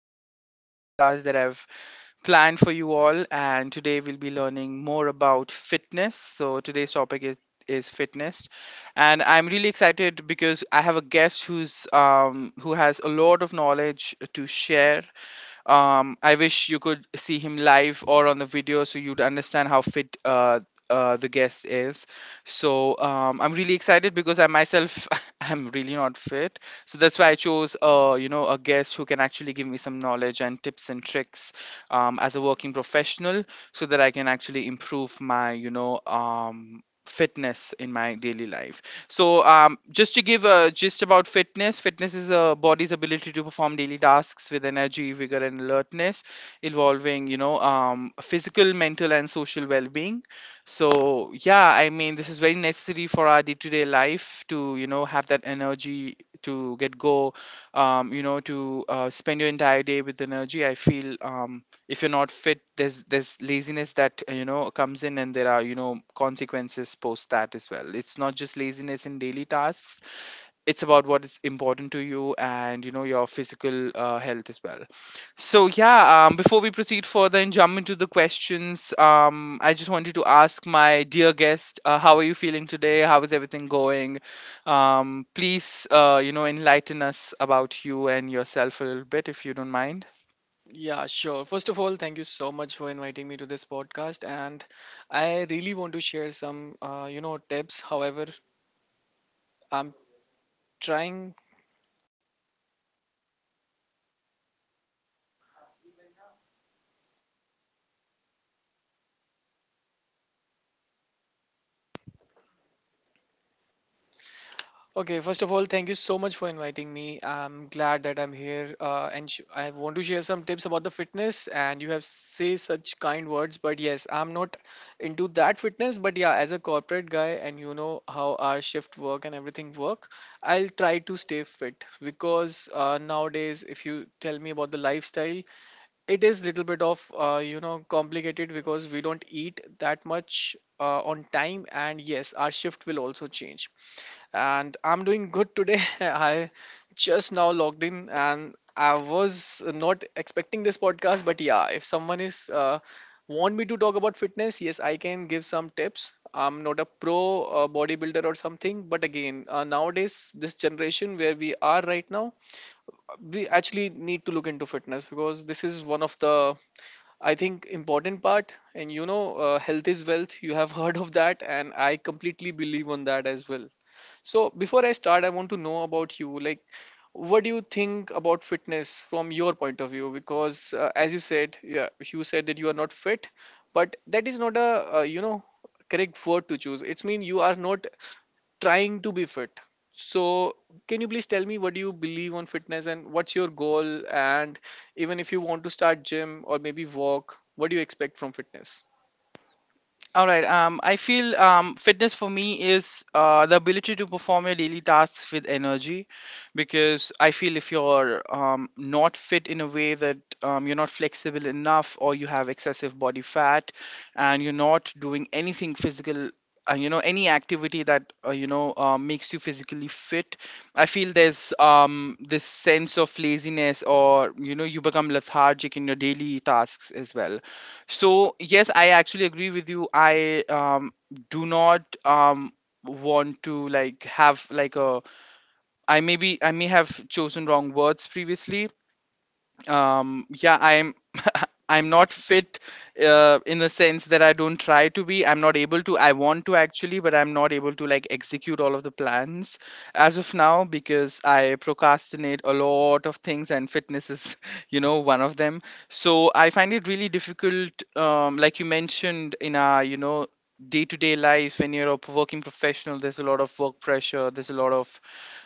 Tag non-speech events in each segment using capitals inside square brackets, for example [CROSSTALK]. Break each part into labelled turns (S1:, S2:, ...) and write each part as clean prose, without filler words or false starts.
S1: informative podcast that I've planned for you all, and today we'll be learning more about fitness. So today's topic is fitness, and I'm really excited because I have a guest who has a lot of knowledge to share. I wish you could see him live or on the video so you'd understand how fit the guest is. So I'm really excited because I myself [LAUGHS] am really not fit, so that's why I chose you know, a guest who can actually give me some knowledge and tips and tricks, as a working professional, so that I can actually improve my, fitness in my daily life. So, just to give a gist about fitness, fitness is a body's ability to perform daily tasks with energy, vigor, and alertness, involving physical, mental, and social well-being. So, yeah, I mean, this is very necessary for our day-to-day life to, you know, have that energy to get go, you know, to spend your entire day with energy. I feel. If you're not fit there's laziness that, you know, comes in, and there are, you know, consequences post that as well. It's not just laziness in daily tasks, it's about what is important to you and, you know, your physical health as well. So yeah, before we proceed further and jump into the questions, I just wanted to ask my dear guest, how are you feeling today? How is everything going? Please, you know, enlighten us about you and yourself a little bit, if you don't mind.
S2: Yeah, sure. First of all, thank you so much for inviting me to this podcast, and I really want to share some, tips. However, I'm trying. Okay, first of all, thank you so much for inviting me. I'm glad that I'm here, and I want to share some tips about the fitness. And you have say such kind words, but yes, I'm not into that fitness. But yeah, as a corporate guy, and you know how our shift work and everything work, I'll try to stay fit because nowadays, if you tell me about the lifestyle, it is little bit of complicated because we don't eat that much on time, and yes, our shift will also change. And I'm doing good today. [LAUGHS] I just now logged in, and I was not expecting this podcast. But yeah, if someone is want me to talk about fitness, yes, I can give some tips. I'm not a pro bodybuilder or something. But again, nowadays, this generation where we are right now, we actually need to look into fitness because this is one of the, I think, important part. And you know, health is wealth. You have [LAUGHS] heard of that, and I completely believe on that as well. So before I start, I want to know about you. Like, what do you think about fitness from your point of view? Because as you said, yeah, you said that you are not fit, but that is not a correct word to choose. It's mean you are not trying to be fit. So, can you please tell me, what do you believe on fitness, and what's your goal? And even if you want to start gym or maybe walk, what do you expect from fitness?
S1: All right. I feel fitness for me is the ability to perform your daily tasks with energy, because I feel if you're, not fit in a way that, you're not flexible enough, or you have excessive body fat, and you're not doing anything physical, you know, any activity that, you know, makes you physically fit, I feel there's, this sense of laziness, or you know, you become lethargic in your daily tasks as well. So yes, I actually agree with you. I do not want to, like, have like a— I maybe, I may have chosen wrong words previously. Yeah, I'm [LAUGHS] I'm not fit in the sense that I don't try to be. I'm not able to. I want to actually, but I'm not able to, like, execute all of the plans as of now, because I procrastinate a lot of things, and fitness is [LAUGHS] you know, one of them. So I find it really difficult, like you mentioned, in our, you know, day-to-day lives, when you're a working professional, there's a lot of work pressure, there's a lot of,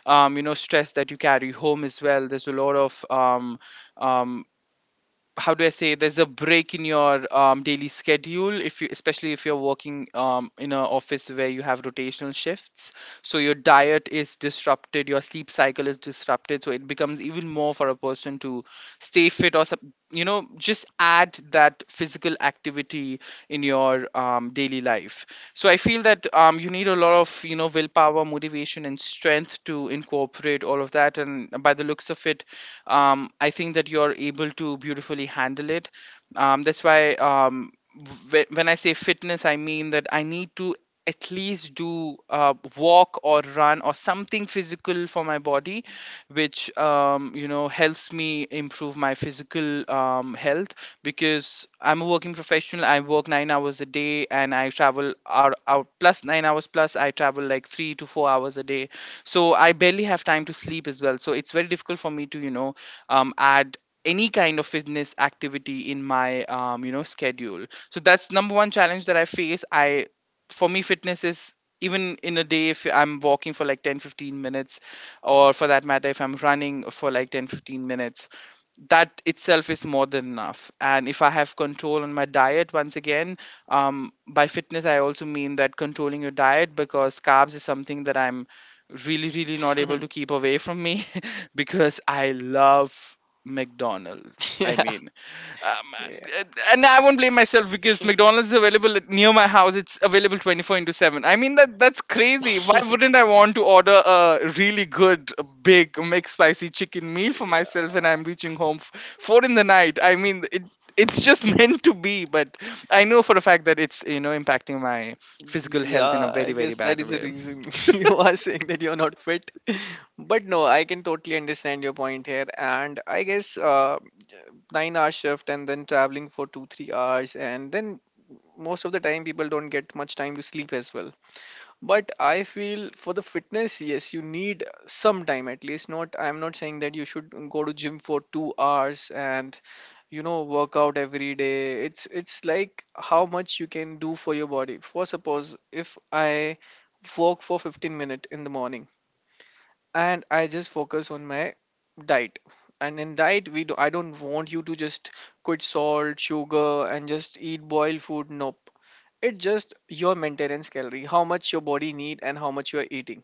S1: you know, stress that you carry home as well. There's a lot of, um, how do I say, there's a break in your, daily schedule if you, especially if you're working, in an office where you have rotational shifts. So your diet is disrupted, your sleep cycle is disrupted, so it becomes even more for a person to stay fit or you know, just add that physical activity in your, daily life. So I feel that, you need a lot of, you know, willpower, motivation, and strength to incorporate all of that, and by the looks of it, I think that you're able to beautifully handle it. That's why when I say fitness, I mean that I need to at least do, walk or run or something physical for my body, which, you know, helps me improve my physical, health. Because I'm a working professional, I work 9 hours a day, and I travel out, plus 9 hours plus I travel, like, 3 to 4 hours a day. So I barely have time to sleep as well, so it's very difficult for me to, you know, add any kind of fitness activity in my, you know, schedule. So that's number one challenge that I face. I For me fitness is, even in a day if I'm walking for like 10, 15 minutes, or for that matter if I'm running for like 10, 15 minutes, that itself is more than enough. And if I have control on my diet, once again, by fitness I also mean that controlling your diet, because carbs is something that I'm really, really not able to keep away from me [LAUGHS] because I love McDonald's,
S2: [LAUGHS]
S1: I
S2: Yeah.
S1: mean. um,
S2: Yeah.
S1: uh, and I won't blame myself, because McDonald's is available near my house. It's available 24 into 7. I mean, that that's crazy. Why wouldn't I want to order a really good, big, spicy chicken meal for myself when I'm reaching home 4 in the night? I mean, it it's just [LAUGHS] meant to be. But I know for a fact that it's, you know, impacting my physical health in a
S2: Yeah,
S1: very,
S2: I
S1: very
S2: guess that
S1: bad
S2: is the
S1: way.
S2: reason [LAUGHS] you are saying that you're not fit. [LAUGHS] But no, I can totally understand your point here. And I guess, 9-hour shift, and then traveling for two, 3 hours. And then most of the time, people don't get much time to sleep as well. But I feel for the fitness, yes, you need some time at least. Not, I'm not saying that you should go to gym for 2 hours and, work out every day. It's like how much you can do for your body. For suppose, if I work for 15 minutes in the morning and I just focus on my diet. And in diet, we do, I don't want you to just quit salt, sugar, and just eat boiled food. Nope, it's just your maintenance calorie, how much your body need and how much you are eating.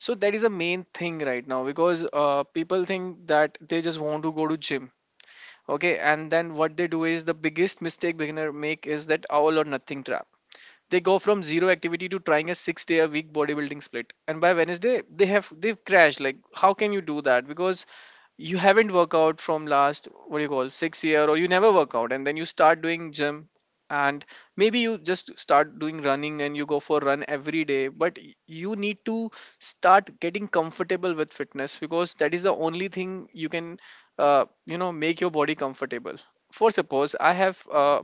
S2: So that is a main thing right now. Because people think that they just want to go to gym, okay, and then what they do is the biggest mistake beginner make is that all or nothing trap. They go from zero activity to trying a 6-day a week bodybuilding split, and by Wednesday they've crashed. Like, how can you do that? Because you haven't worked out from last, what do you call, 6 year, or you never work out and then you start doing gym. And maybe you just start doing running and you go for run every day, but you need to start getting comfortable with fitness because that is the only thing you can make your body comfortable. For suppose, I have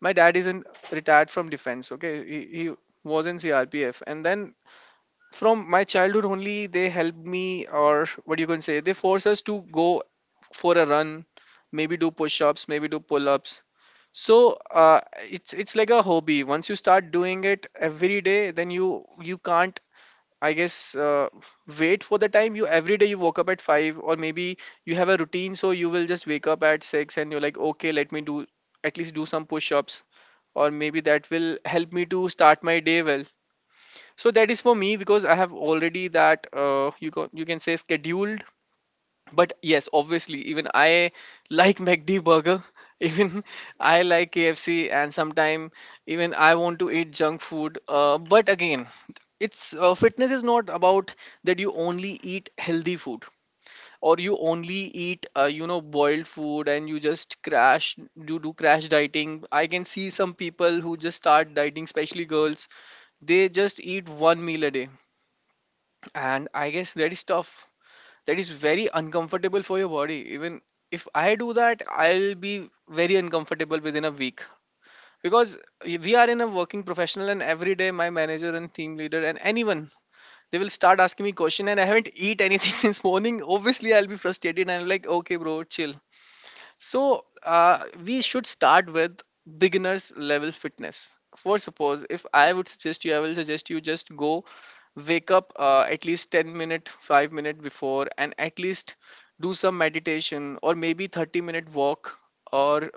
S2: my dad isn't retired from defense, okay. He was in CRPF. And then from my childhood only, they helped me, or what you can say, they force us to go for a run, maybe do push-ups, maybe do pull-ups. So it's like a hobby. Once you start doing it every day, then you can't, I guess, wait for the time. You every day you woke up at five, or maybe you have a routine, so you will just wake up at six and you're like, okay, let me do, at least do some push ups, or maybe that will help me to start my day well. So that is for me because I have already that, you can say, scheduled. But yes, obviously, even I like McD burger. [LAUGHS] Even I like KFC, and sometime even I want to eat junk food, but again, it's fitness is not about that you only eat healthy food, or you only eat boiled food and you just crash. You do crash dieting. I can see some people who just start dieting, especially girls, they just eat one meal a day. And I guess that is tough. That is very uncomfortable for your body. Even if I do that, I'll be very uncomfortable within a week. Because we are in a working professional, and every day my manager and team leader and anyone, they will start asking me question, and I haven't eat anything [LAUGHS] since morning. Obviously, I'll be frustrated and I'm like, okay bro, chill. So we should start with beginners level fitness. For suppose, if I would suggest you, I will suggest you just go wake up at least 10 minute 5 minute before, and at least do some meditation, or maybe 30-minute walk. Or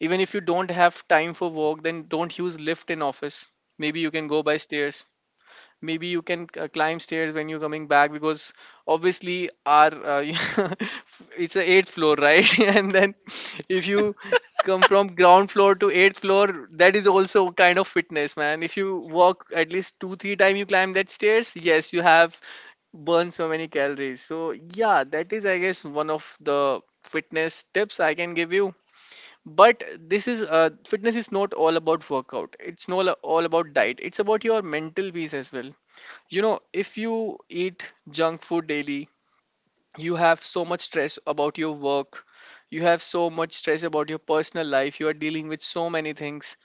S2: even if you don't have time for walk, then don't use lift in office. Maybe you can go by stairs. Maybe you can climb stairs when you're coming back. Because obviously, our [LAUGHS] it's a eighth floor, right? [LAUGHS] And then if you come from ground floor to eighth floor, that is also kind of fitness, man. If you walk at least two three time you climb that stairs, yes, you have burned so many calories. So yeah, that is, I guess, one of the fitness tips I can give you. But this is, fitness is not all about workout. It's not all about diet. It's about your mental peace as well. You know, if you eat junk food daily, you have so much stress about your work, you have so much stress about your personal life, you are dealing with so many things.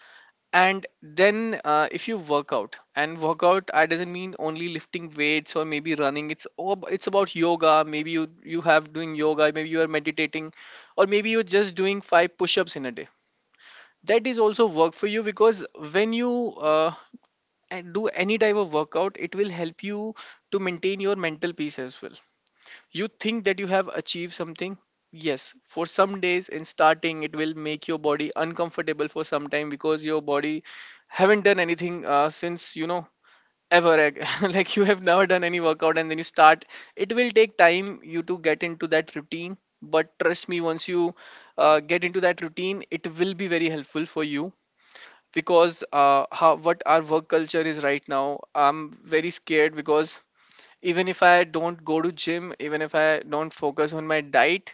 S2: And then, if you work out, and work out, I doesn't mean only lifting weights or maybe running. It's all, it's about yoga. Maybe you have doing yoga, maybe you are meditating, or maybe you're just doing five push-ups in a day. That is also work for you. Because when you uh, and do any type of workout, it will help you to maintain your mental peace as well. You think that you have achieved something. Yes, for some days in starting, it will make your body uncomfortable for some time because your body haven't done anything since, ever ag- [LAUGHS] like you have never done any workout and then you start, it will take time you to get into that routine. But trust me, once you get into that routine, it will be very helpful for you. Because how what our work culture is right now, I'm very scared. Because even if I don't go to gym, even if I don't focus on my diet,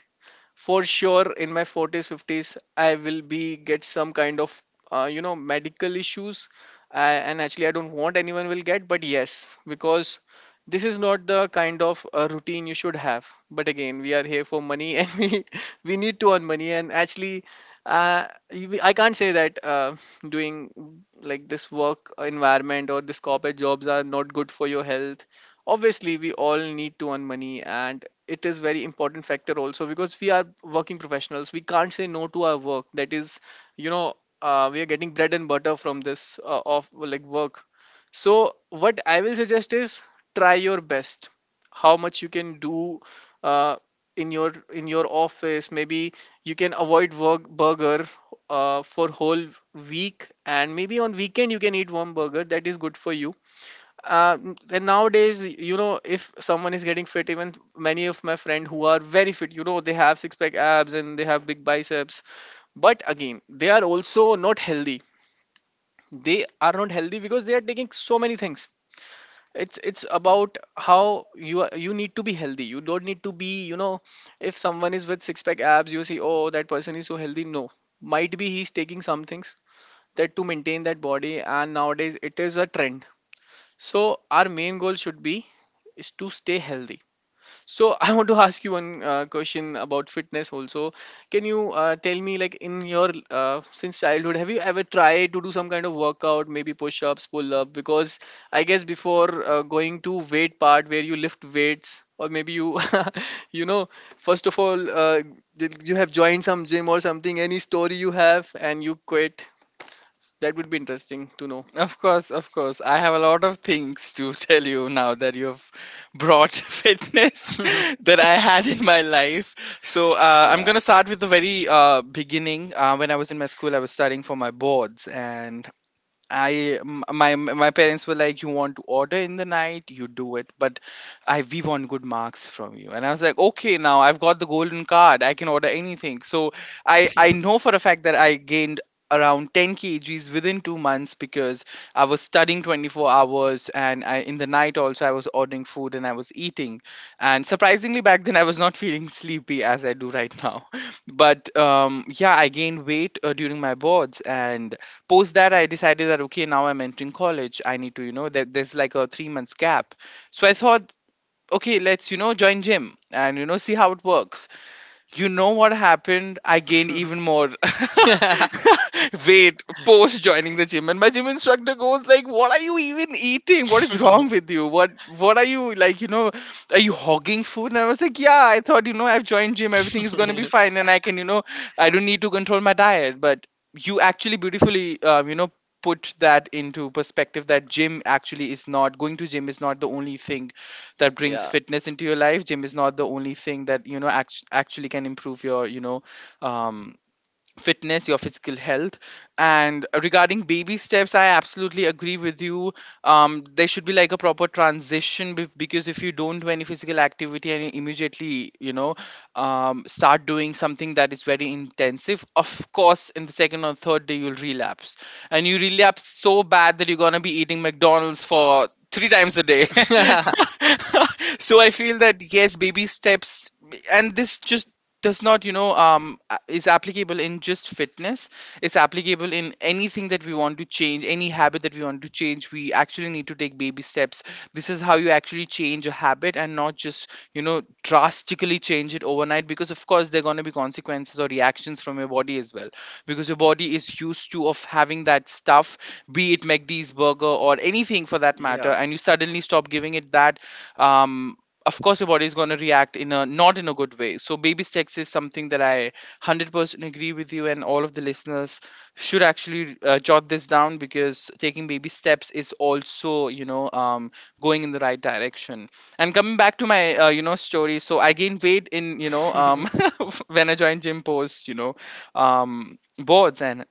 S2: for sure in my 40s 50s, I will be get some kind of medical issues. And actually, I don't want anyone will get. But yes, because this is not the kind of routine you should have. But again, we are here for money. [LAUGHS] And we need to earn money. And actually, uh, I can't say that doing like this work environment or this corporate jobs are not good for your health. Obviously, we all need to earn money, and it is very important factor also. Because we are working professionals, we can't say no to our work. That is, you know, we are getting bread and butter from this, of like, work. So what I will suggest is, try your best how much you can do, uh, in your office. Maybe you can avoid work burger for whole week, and maybe on weekend you can eat one burger. That is good for you. And nowadays, you know, if someone is getting fit, even many of my friend who are very fit, you know, they have six pack abs and they have big biceps. But again, they are also not healthy. They are not healthy because they are taking so many things. It's about how you are, you need to be healthy. You don't need to be, you know, if someone is with six pack abs, you see, oh, that person is so healthy. No, might be he's taking some things, that to maintain that body. And nowadays, it is a trend. So our main goal should be is to stay healthy. So [LAUGHS] I want to ask you one question about fitness also. Can you tell me like in your since childhood have you ever tried to do some kind of workout, maybe push-ups, pull-up? Because I guess before going to weight part where you lift weights or maybe you [LAUGHS] you know first of all did you have joined some gym or something, any story you have and you quit that would be interesting to know.
S1: Of course, of course. I have a lot of things to [LAUGHS] tell you now that you've brought [LAUGHS] fitness [LAUGHS] that I had in my life. So I'm gonna
S2: [LAUGHS]
S1: start with the very beginning. When I was in my school, I was studying for my boards, and I m- my parents were like, you want to order in the night, you do it, but I we want good marks from you. And I was like, okay, now I've got the golden card, I can order anything. So I know for a fact that I gained around 10 kgs within 2 months, because I was studying 24 hours, and I in the night also I was ordering food and I was eating. And surprisingly back then I was not [LAUGHS] feeling sleepy as I do right now. [LAUGHS] But yeah, I gained weight during my boards. And post that, I decided that okay, now I'm entering college, I need to, you know, that there's like a 3 months gap. So I thought, okay, let's, you know, join gym and, you know, see how it works. You know what happened? I gained even more [LAUGHS]
S2: Yeah.
S1: weight post joining the gym, and my gym instructor goes like, "What are you even eating? What is wrong with you? What are you like? You know, are you hogging food?" And I was like, "Yeah, I thought, you know, I've joined gym, everything is gonna be
S2: [LAUGHS]
S1: fine, and I can, you know, I don't need to control my diet." But you actually beautifully, you know, put that into perspective, that gym actually is not going to gym is not the only thing that brings
S2: Yeah.
S1: fitness into your life. Gym is not the only thing that, you know, actually can improve your, you know, um fitness, your physical health. And regarding baby steps, I absolutely agree with you. There should be like a proper transition, because if you don't do any physical activity and you immediately, you know, start doing something that is very intensive, of course, in the second or third day, you'll relapse. And you relapse so bad that you're going to be eating McDonald's for three times a day. [LAUGHS]
S2: [LAUGHS]
S1: [LAUGHS] So I feel that yes, baby steps. And this just does not, you know, is applicable in just fitness, it's applicable in anything that we want to change, any habit that we want to change, we actually need to take baby steps. This is how you actually change a habit, and not just, you know, drastically change it overnight, because of course there are going to be consequences or reactions from your body as well, because your body is used to of having that stuff, be it McD's burger or anything for that matter,
S2: Yeah.
S1: and you suddenly stop giving it that, um of course your body is going to react in a, not in a good way. So baby steps is something that I 100% agree with you, and all of the listeners should actually, jot this down, because taking baby steps is also, you know, going in the right direction. And coming back to my, you know, story, so I gained weight in, you know,
S2: [LAUGHS]
S1: [LAUGHS] when I joined gym post, you know, boards. And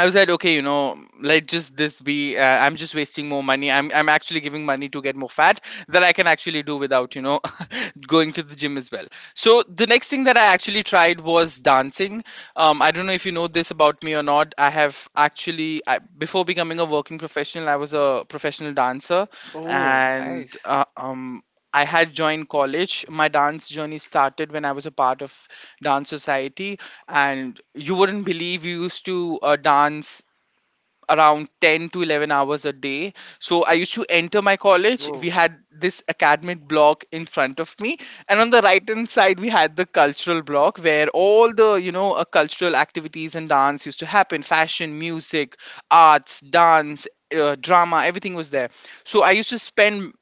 S1: I said, okay, you know, let just this be. I'm just wasting more money. I'm actually giving money to get more fat that I can actually do without, you know, [LAUGHS] going to the gym as well. So the next thing that I actually tried was dancing. I don't know if you know this about me or not. I have actually before becoming a working professional, I was a professional dancer,
S2: Oh,
S1: and
S2: nice.
S1: I had joined college. My dance journey started when I was a part of dance society, and you wouldn't believe we used to dance around 10 to 11 hours a day. So I used to enter my college. We
S2: Oh,
S1: had this academic block in front of me, and on the right hand side we had the cultural block where all the, you know, cultural activities and dance used to happen. Fashion, music, arts, dance, drama, everything was there. So I used to spend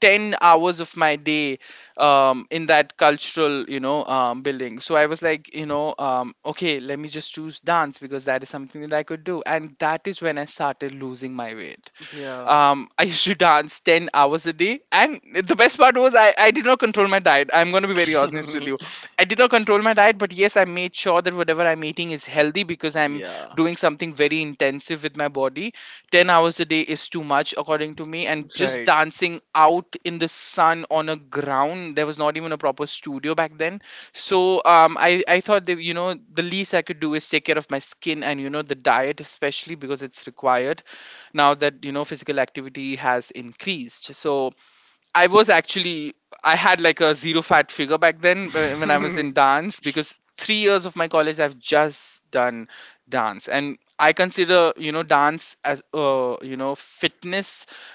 S1: 10 hours of my day in that cultural, you know, building. So I was like, you know, okay, let me just choose dance because that is something that I could do, and that is when I started losing my way.
S2: yeah.
S1: [LAUGHS] I used to dance 10 hours a day. And the best part was I did not control my diet. I'm going to be very honest with you.
S2: [LAUGHS]
S1: I did not control my diet, but yes, I made sure that whatever I'm eating is healthy because I'm
S2: Yeah.
S1: doing something very intensive with my body. 10 hours a day is too much, according to me. And just
S2: Right.
S1: dancing out in the sun on a ground, there was not even a proper studio back then. So I thought that, you know, the least I could do is take care of my skin and, you know, the diet, especially because it's required now that, you know, physical activity has increased. So I was actually, I had like a zero fat figure back then, when I was in dance,
S2: [LAUGHS]
S1: because 3 years of my college I've just done dance. And I consider, you know, dance as you know, fitness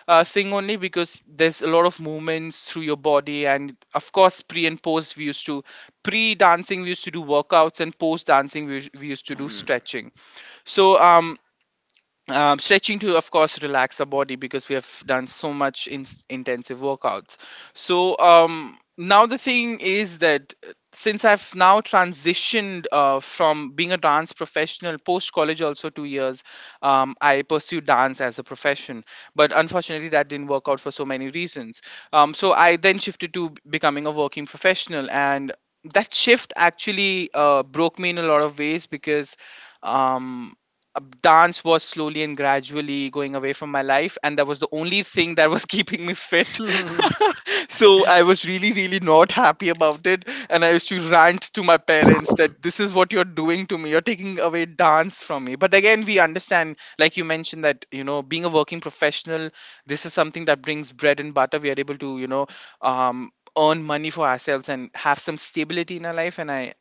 S1: thing only because there's a lot of movements through your body. And of course, pre and post we used to, pre dancing we used to do workouts, and post dancing we used to do
S2: Mm,
S1: stretching. So stretching to of course relax our body because we have done so much intensive workouts. So now the thing is that since I've now transitioned from being a dance professional, post college also 2 years I pursued dance as a profession, but unfortunately that didn't work out for so many reasons. So I then shifted to becoming a working professional, and that shift actually broke me in a lot of ways because um, dance was slowly and gradually going away from my life, and that was the only thing that was [LAUGHS] keeping me fit. [LAUGHS] So I was really, really not happy about it, and I used to rant to my parents that this is what you're doing to me, you're taking away dance from me. But again, we understand, like you mentioned, that, you know, being a working professional, this is something that brings bread and butter. We are able to, you know, um earn money for ourselves and have some stability in our life. And I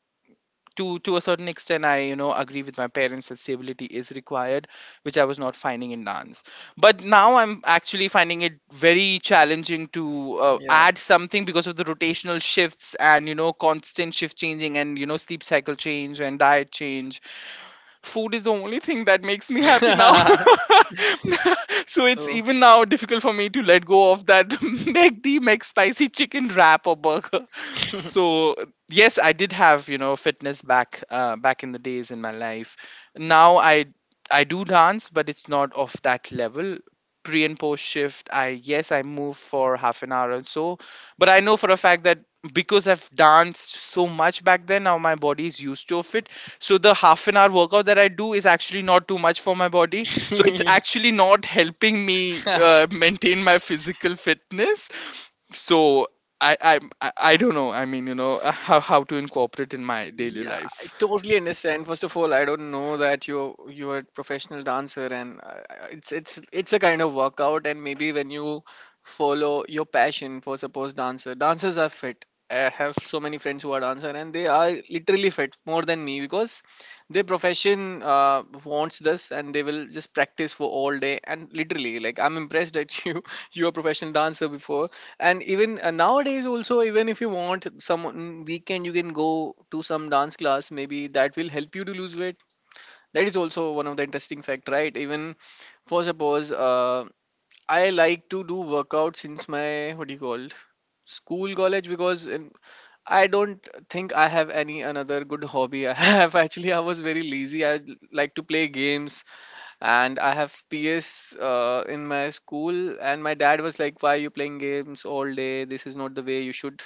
S1: to a certain extent I, you know, agree with my parents that stability is required, which I was not finding in dance. But now I'm actually finding it very challenging to
S2: yeah.
S1: add something because of the rotational shifts and, you know, constant shift changing, and, you know, sleep cycle change and diet change. Food is the only thing that makes me happy now.
S2: [LAUGHS]
S1: [LAUGHS] So it's
S2: So,
S1: even now difficult for me to let go of that [LAUGHS] McD McSpicy chicken wrap or burger. So yes, I did have, you know, fitness back, back in the days, in my life. Now I do dance, but it's not of that level. Pre and post shift, I yes I move for half an hour or so. But I know for a fact that because I've danced so much back then, now my body is used to of it. So the half an hour workout that I do is actually not too much for my body. So it's actually not helping me
S2: [LAUGHS]
S1: maintain my physical fitness. So I don't know. I mean, you know, how to incorporate in my daily
S2: yeah,
S1: life.
S2: I totally understand. First of all, I don't know that you're a professional dancer, and I- it's a kind of workout. And maybe when you follow your passion for suppose dancer, dancers are fit. I have so many friends who are dancer, and they are literally fit more than me because their profession wants this, and they will just practice for all day. And literally, like, I'm impressed that [LAUGHS] you are a professional dancer before, and even nowadays also, even if you want some mm, weekend you can go to some dance class, maybe that will help you to lose weight. That is also one of the interesting fact, right? Even for suppose I like to do workout since my, what do you call, school, college. Because in, I don't think I have any another good hobby I have. [LAUGHS] Actually, I was very lazy. I like to play games, and I have PS in my school, and my dad was like, "Why are you playing games all day? This is not the way you should,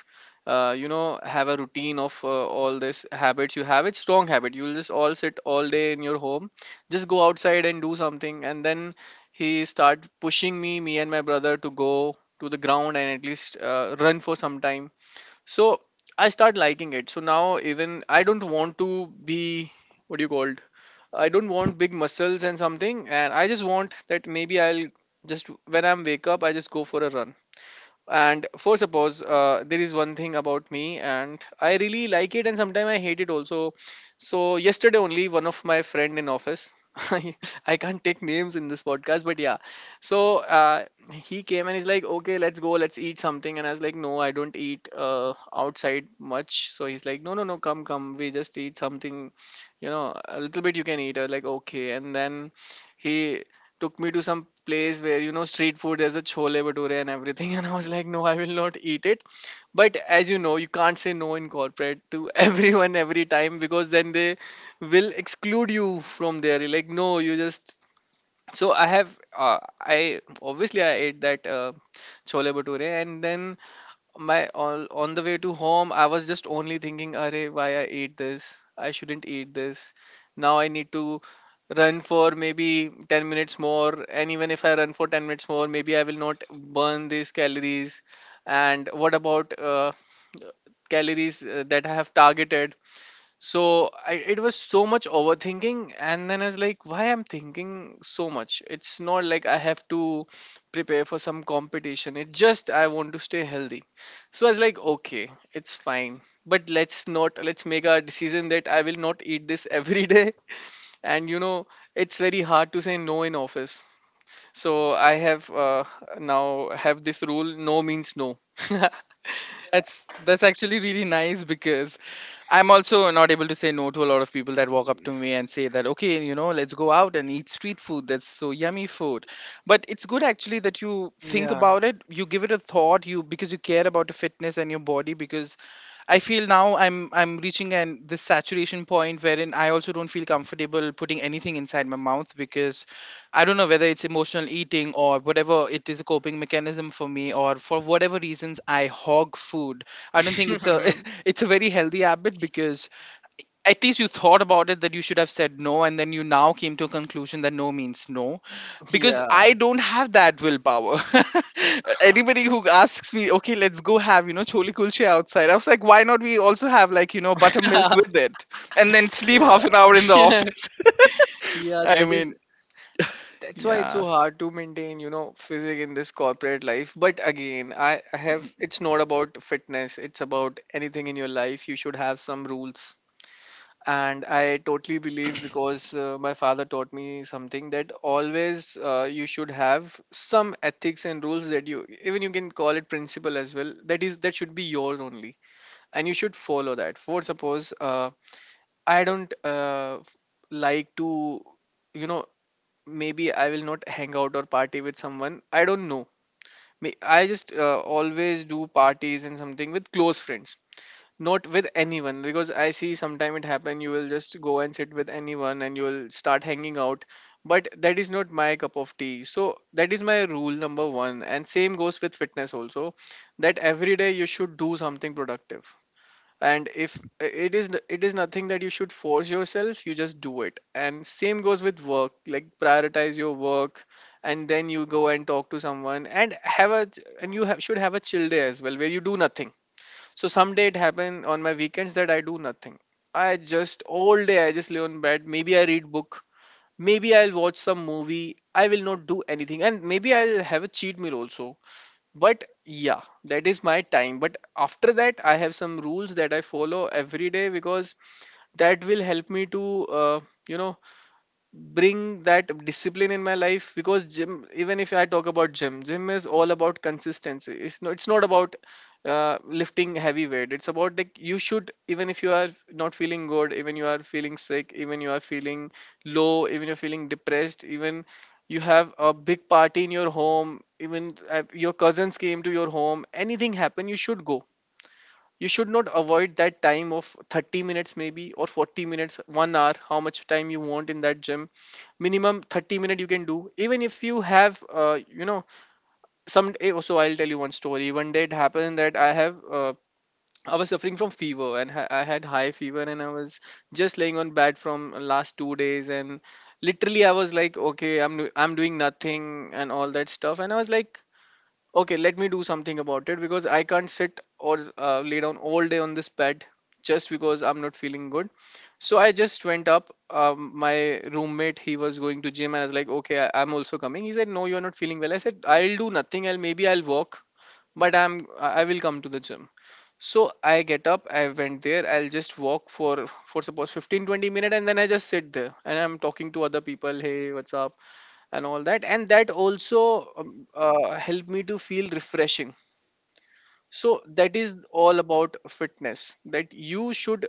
S2: you know, have a routine of all these habits you have. It's wrong habit. You'll just all sit all day in your home. Just go outside and do something." And then he started pushing me, me and my brother, to go to the ground and at least run for some time. So I start liking it. So now even I don't want to be, what do you call, I don't want big muscles and something, and I just want that maybe I'll just when I'm wake up, I just go for a run. And for suppose there is one thing about me and I really like it, and sometimes I hate it also. So yesterday only, one of my friend in office [LAUGHS] i I can't take names in this podcast, but yeah. So he came and he's like, "Okay, let's go, let's eat something." And I was like, "No, I don't eat outside much." So he's like, "No, no, no, come, come, we just eat something, you know, a little bit you can eat." I was like, "Okay." And then he took me to some place where, you know, street food, there's a chole bhature and everything. [LAUGHS] And I was like, "No, I will not eat it." But as you know, you can't say no in corporate to [LAUGHS] everyone every time, because then they will exclude you from there. You're like, "No, you just..." So I have, uh, I, obviously I ate that chole bhature. And then my on the way to home, I was just only thinking, Arey, why I ate this, I shouldn't eat this. Now I need to run for maybe 10 minutes more, and even if I run for 10 minutes more, maybe I will not burn these calories. And what about calories that I have targeted? So I, it was so much overthinking. And then I was like, why I'm thinking so much? It's not like I have to prepare for some competition. It just I want to stay healthy. So I was like, okay, it's fine. But let's not, let's make a decision that I will not eat this [LAUGHS] every day. And you know, it's very hard to say no in office. So I have, now have this rule: no means no. [LAUGHS]
S1: That's actually really nice because I'm also not able to say no to a lot of people that walk up to me and say that, okay, you know, let's go out and eat street food. That's so yummy food. But it's good actually that you think
S2: Yeah.
S1: about it, you give it a thought, you, because you care about your fitness and your body. Because I feel now I'm reaching an this saturation point wherein I also don't feel comfortable putting anything inside my mouth, because I don't know whether it's emotional eating or whatever it is, a coping mechanism for me, or for whatever reasons I hog food. I don't think it's a
S2: [LAUGHS]
S1: [LAUGHS] it's a very healthy habit. Because at least you thought about it, that you should have said no, and then you now came to a conclusion that no means no. Because
S2: Yeah.
S1: I don't have that willpower. [LAUGHS] Anybody who asks me, okay, let's go have, you know, chole kulche outside, I was like, why not? We also have, like, you know, buttermilk with it, and then
S2: [LAUGHS]
S1: sleep half an hour in the
S2: Yeah. [LAUGHS]
S1: office. [LAUGHS]
S2: Yeah,
S1: i
S2: that is,
S1: mean
S2: that's why it's
S1: yeah
S2: so hard to maintain, you know, physique in this corporate life. But again, I have, it's not about fitness, it's about anything in your life. You should have some rules. And I totally believe, because my father taught me something that always you should have some ethics and rules that you, even you can call it principle as well. That is, that should be yours only, and you should follow that. For suppose I don't like to, you know, maybe I will not hang out or party with someone. I don't know. May- I just always do parties and something with close friends, not with anyone. Because I see sometime it happen. You will just go and sit with anyone and you will start hanging out, but that is not my cup of tea. So that is my rule number one. And same goes with fitness also, that every day you should do something productive. And if it is, it is nothing that you should force yourself, you just do it. And same goes with work, like prioritize your work and then you go and talk to someone and have a, and you have, should have a chill day as well, where you do nothing. So someday it happened on my weekends that I do nothing. I just all day I just lay on bed, maybe I read book, maybe I'll watch some movie, I will not do anything, and maybe I'll have a cheat meal also. But yeah, that is my time. But after that, I have some rules that I follow every day, because that will help me to you know, bring that discipline in my life. Because gym, even if I talk about gym, gym is all about consistency. It's not it's not about lifting heavy weight. It's about, like, you should, even if you are not feeling good, even you are feeling sick, even you are feeling low, even you're feeling depressed, even you have a big party in your home, even your cousins came to your home, anything happened, you should go. You should not avoid that time of 30 minutes maybe, or 40 minutes, 1 hour, how much time you want in that gym. Minimum 30 minute you can do, even if you have you know, some eh, so I'll tell you one story. One day it happened that I have I was suffering from fever, and ha- I had high fever, and I was just laying on bed from last 2 days. And literally I was like, okay, I'm do- I'm doing nothing and all that stuff. And I was like, okay, let me do something about it, because I can't sit or lay down all day on this bed just because I'm not feeling good. So I just went up. My roommate, he was going to gym, and I was like, "Okay, I, I'm also coming." He said, "No, you're not feeling well." I said, "I'll do nothing. I'll maybe I'll walk, but I'm I will come to the gym." So I get up. I went there. I'll just walk for suppose, 15-20 minutes, and then I just sit there and I'm talking to other people, "Hey, what's up?" and all that. And that also helped me to feel refreshing. So that is all about fitness, that you should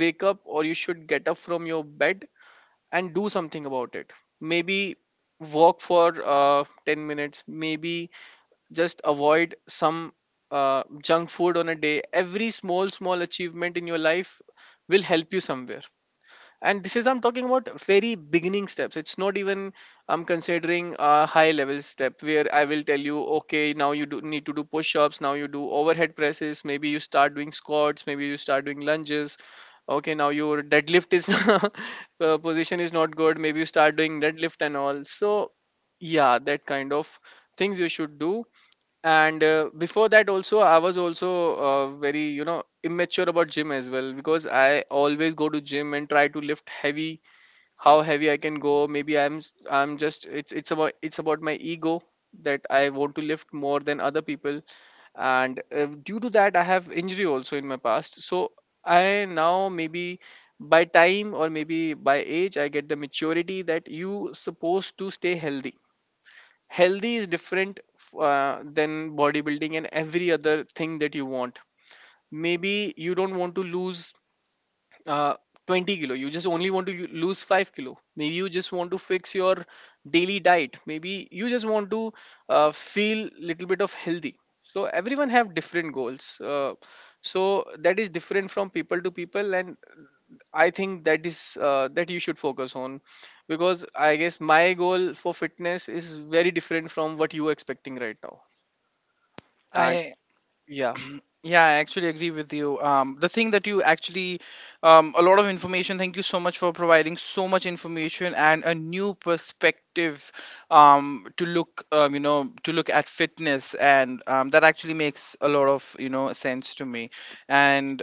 S2: wake up or you should get up from your bed and do something about it. Maybe walk for 10 minutes, maybe just avoid some junk food on a day. Every small small achievement in your life will help you somewhere. And this is I'm talking about very beginning steps. It's not even I'm considering a high level step, where I will tell you, okay, now you do need to do push-ups, now you do overhead presses, maybe you start doing squats, maybe you start doing lunges, okay, now your deadlift is [LAUGHS] position is not good, maybe you start doing deadlift and all. So yeah, that kind of things you should do. And before that also, I was also very, you know, immature about gym as well. Because I always go to gym and try to lift heavy, how heavy I can go. Maybe I'm s- I'm just, it's about, it's about my ego, that I want to lift more than other people. And due to that, I have injury also in my past. So I now maybe by time or maybe by age, I get the maturity that you supposed to stay healthy. Healthy is different than bodybuilding and every other thing that you want. Maybe you don't want to lose uh, 20 kilo, you just only want to u- lose 5 kilo, maybe you just want to fix your daily diet, maybe you just want to feel little bit of healthy. So everyone have different goals. So that is different from people to people. And I think that is that you should focus on, because I guess my goal for fitness is very different from what you are expecting right now. And
S1: i
S2: yeah.
S1: Yeah, I actually agree with you. The thing that you actually, a lot of information. Thank you so much for providing so much information and a new perspective, to look, you know, to look at fitness, and that actually makes a lot of, you know, sense to me. And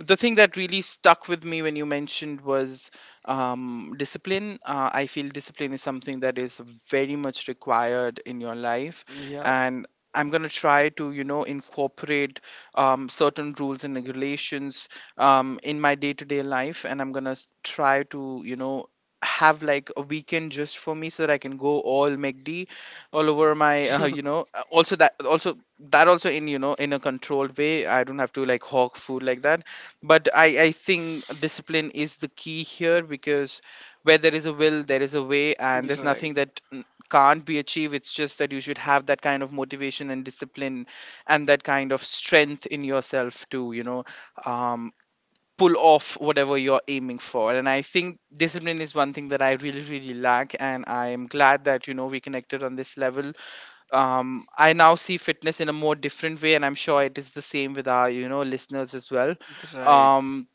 S1: the thing that really stuck with me when you mentioned was discipline. I feel discipline is something that is very much required in your life,
S2: Yep.
S1: and I'm gonna try to, you know, incorporate certain rules and regulations in my day to day life. And I'm gonna try to, you know, have like a weekend just for me so that I can go all McD all over my, [LAUGHS] you know, also that also that also in, you know, in a controlled way. I don't have to like hawk food like that, but
S2: [LAUGHS]
S1: I think discipline is the key here. Because where there is a will, there is a way, and there's
S2: You're right.
S1: nothing
S2: Right.
S1: that can't be achieved. It's just that you should have that kind of motivation and discipline and that kind of strength in yourself to, you know, um, pull off whatever you're aiming for. And I think discipline is one thing that I really, really lack, and I am glad that, you know, we connected on this level. I now see fitness in a more different way, and I'm sure it is the same with our, you know, listeners as well. um,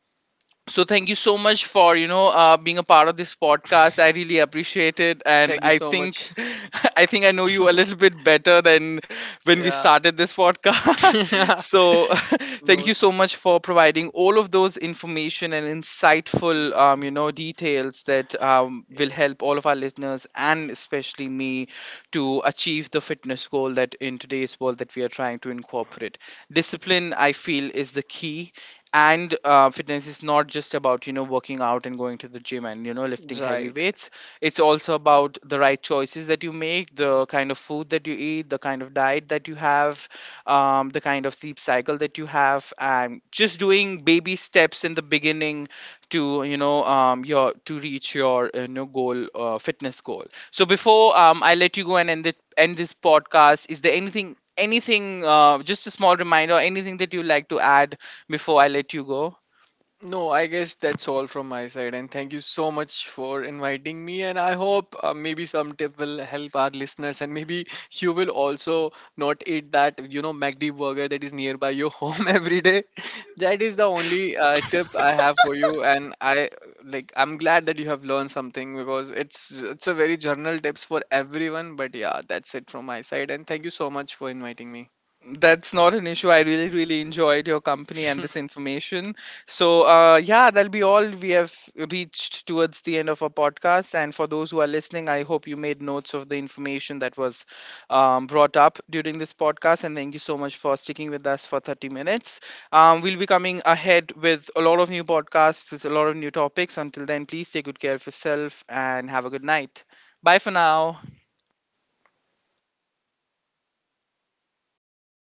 S1: so thank you so much for, you know, being a part of this podcast. I really appreciate it, and
S2: Thank you
S1: I
S2: so
S1: think
S2: much.
S1: [LAUGHS] I think I know you a little bit better than when we started this podcast. [LAUGHS]
S2: Yeah.
S1: So [LAUGHS]
S2: [LAUGHS]
S1: thank
S2: No,
S1: you so much for providing all of those information and insightful you know, details that will help all of our listeners and especially me to achieve the fitness goal that in today's world that we are trying to incorporate. Discipline, I feel, is the key. And fitness is not just about, you know, working out and going to the gym and, you know, lifting heavy
S2: yeah,
S1: weights. It's also about the right choices that you make, the kind of food that you eat, the kind of diet that you have,
S2: right.
S1: the kind of sleep cycle that you have, and just doing baby steps in the beginning to, you know, your to reach your you know, goal, fitness goal. So before I let you go and end this podcast, is there anything, just a small reminder, anything that you like to add before I let you go?
S2: No, I guess that's all from my side. And thank you so much for inviting me. And I hope maybe some tip will help our listeners. And maybe you will also not eat that, you know, McD burger that is nearby your [LAUGHS] home every day. That is the only tip I have for you. And I like, I'm glad that you have learned something, because it's a very general tips for everyone. But yeah, that's it from my side. And thank you so much for inviting me.
S1: That's not an issue. I really, really enjoyed your company and this information. So, yeah, that'll be all. We have reached towards the end of our podcast. And for those who are listening, I hope you made notes of the information that was brought up during this podcast. And thank you so much for sticking with us for 30 minutes. We'll be coming ahead with a lot of new podcasts, with a lot of new topics. Until then, please take good care of yourself and have a good night. Bye for now.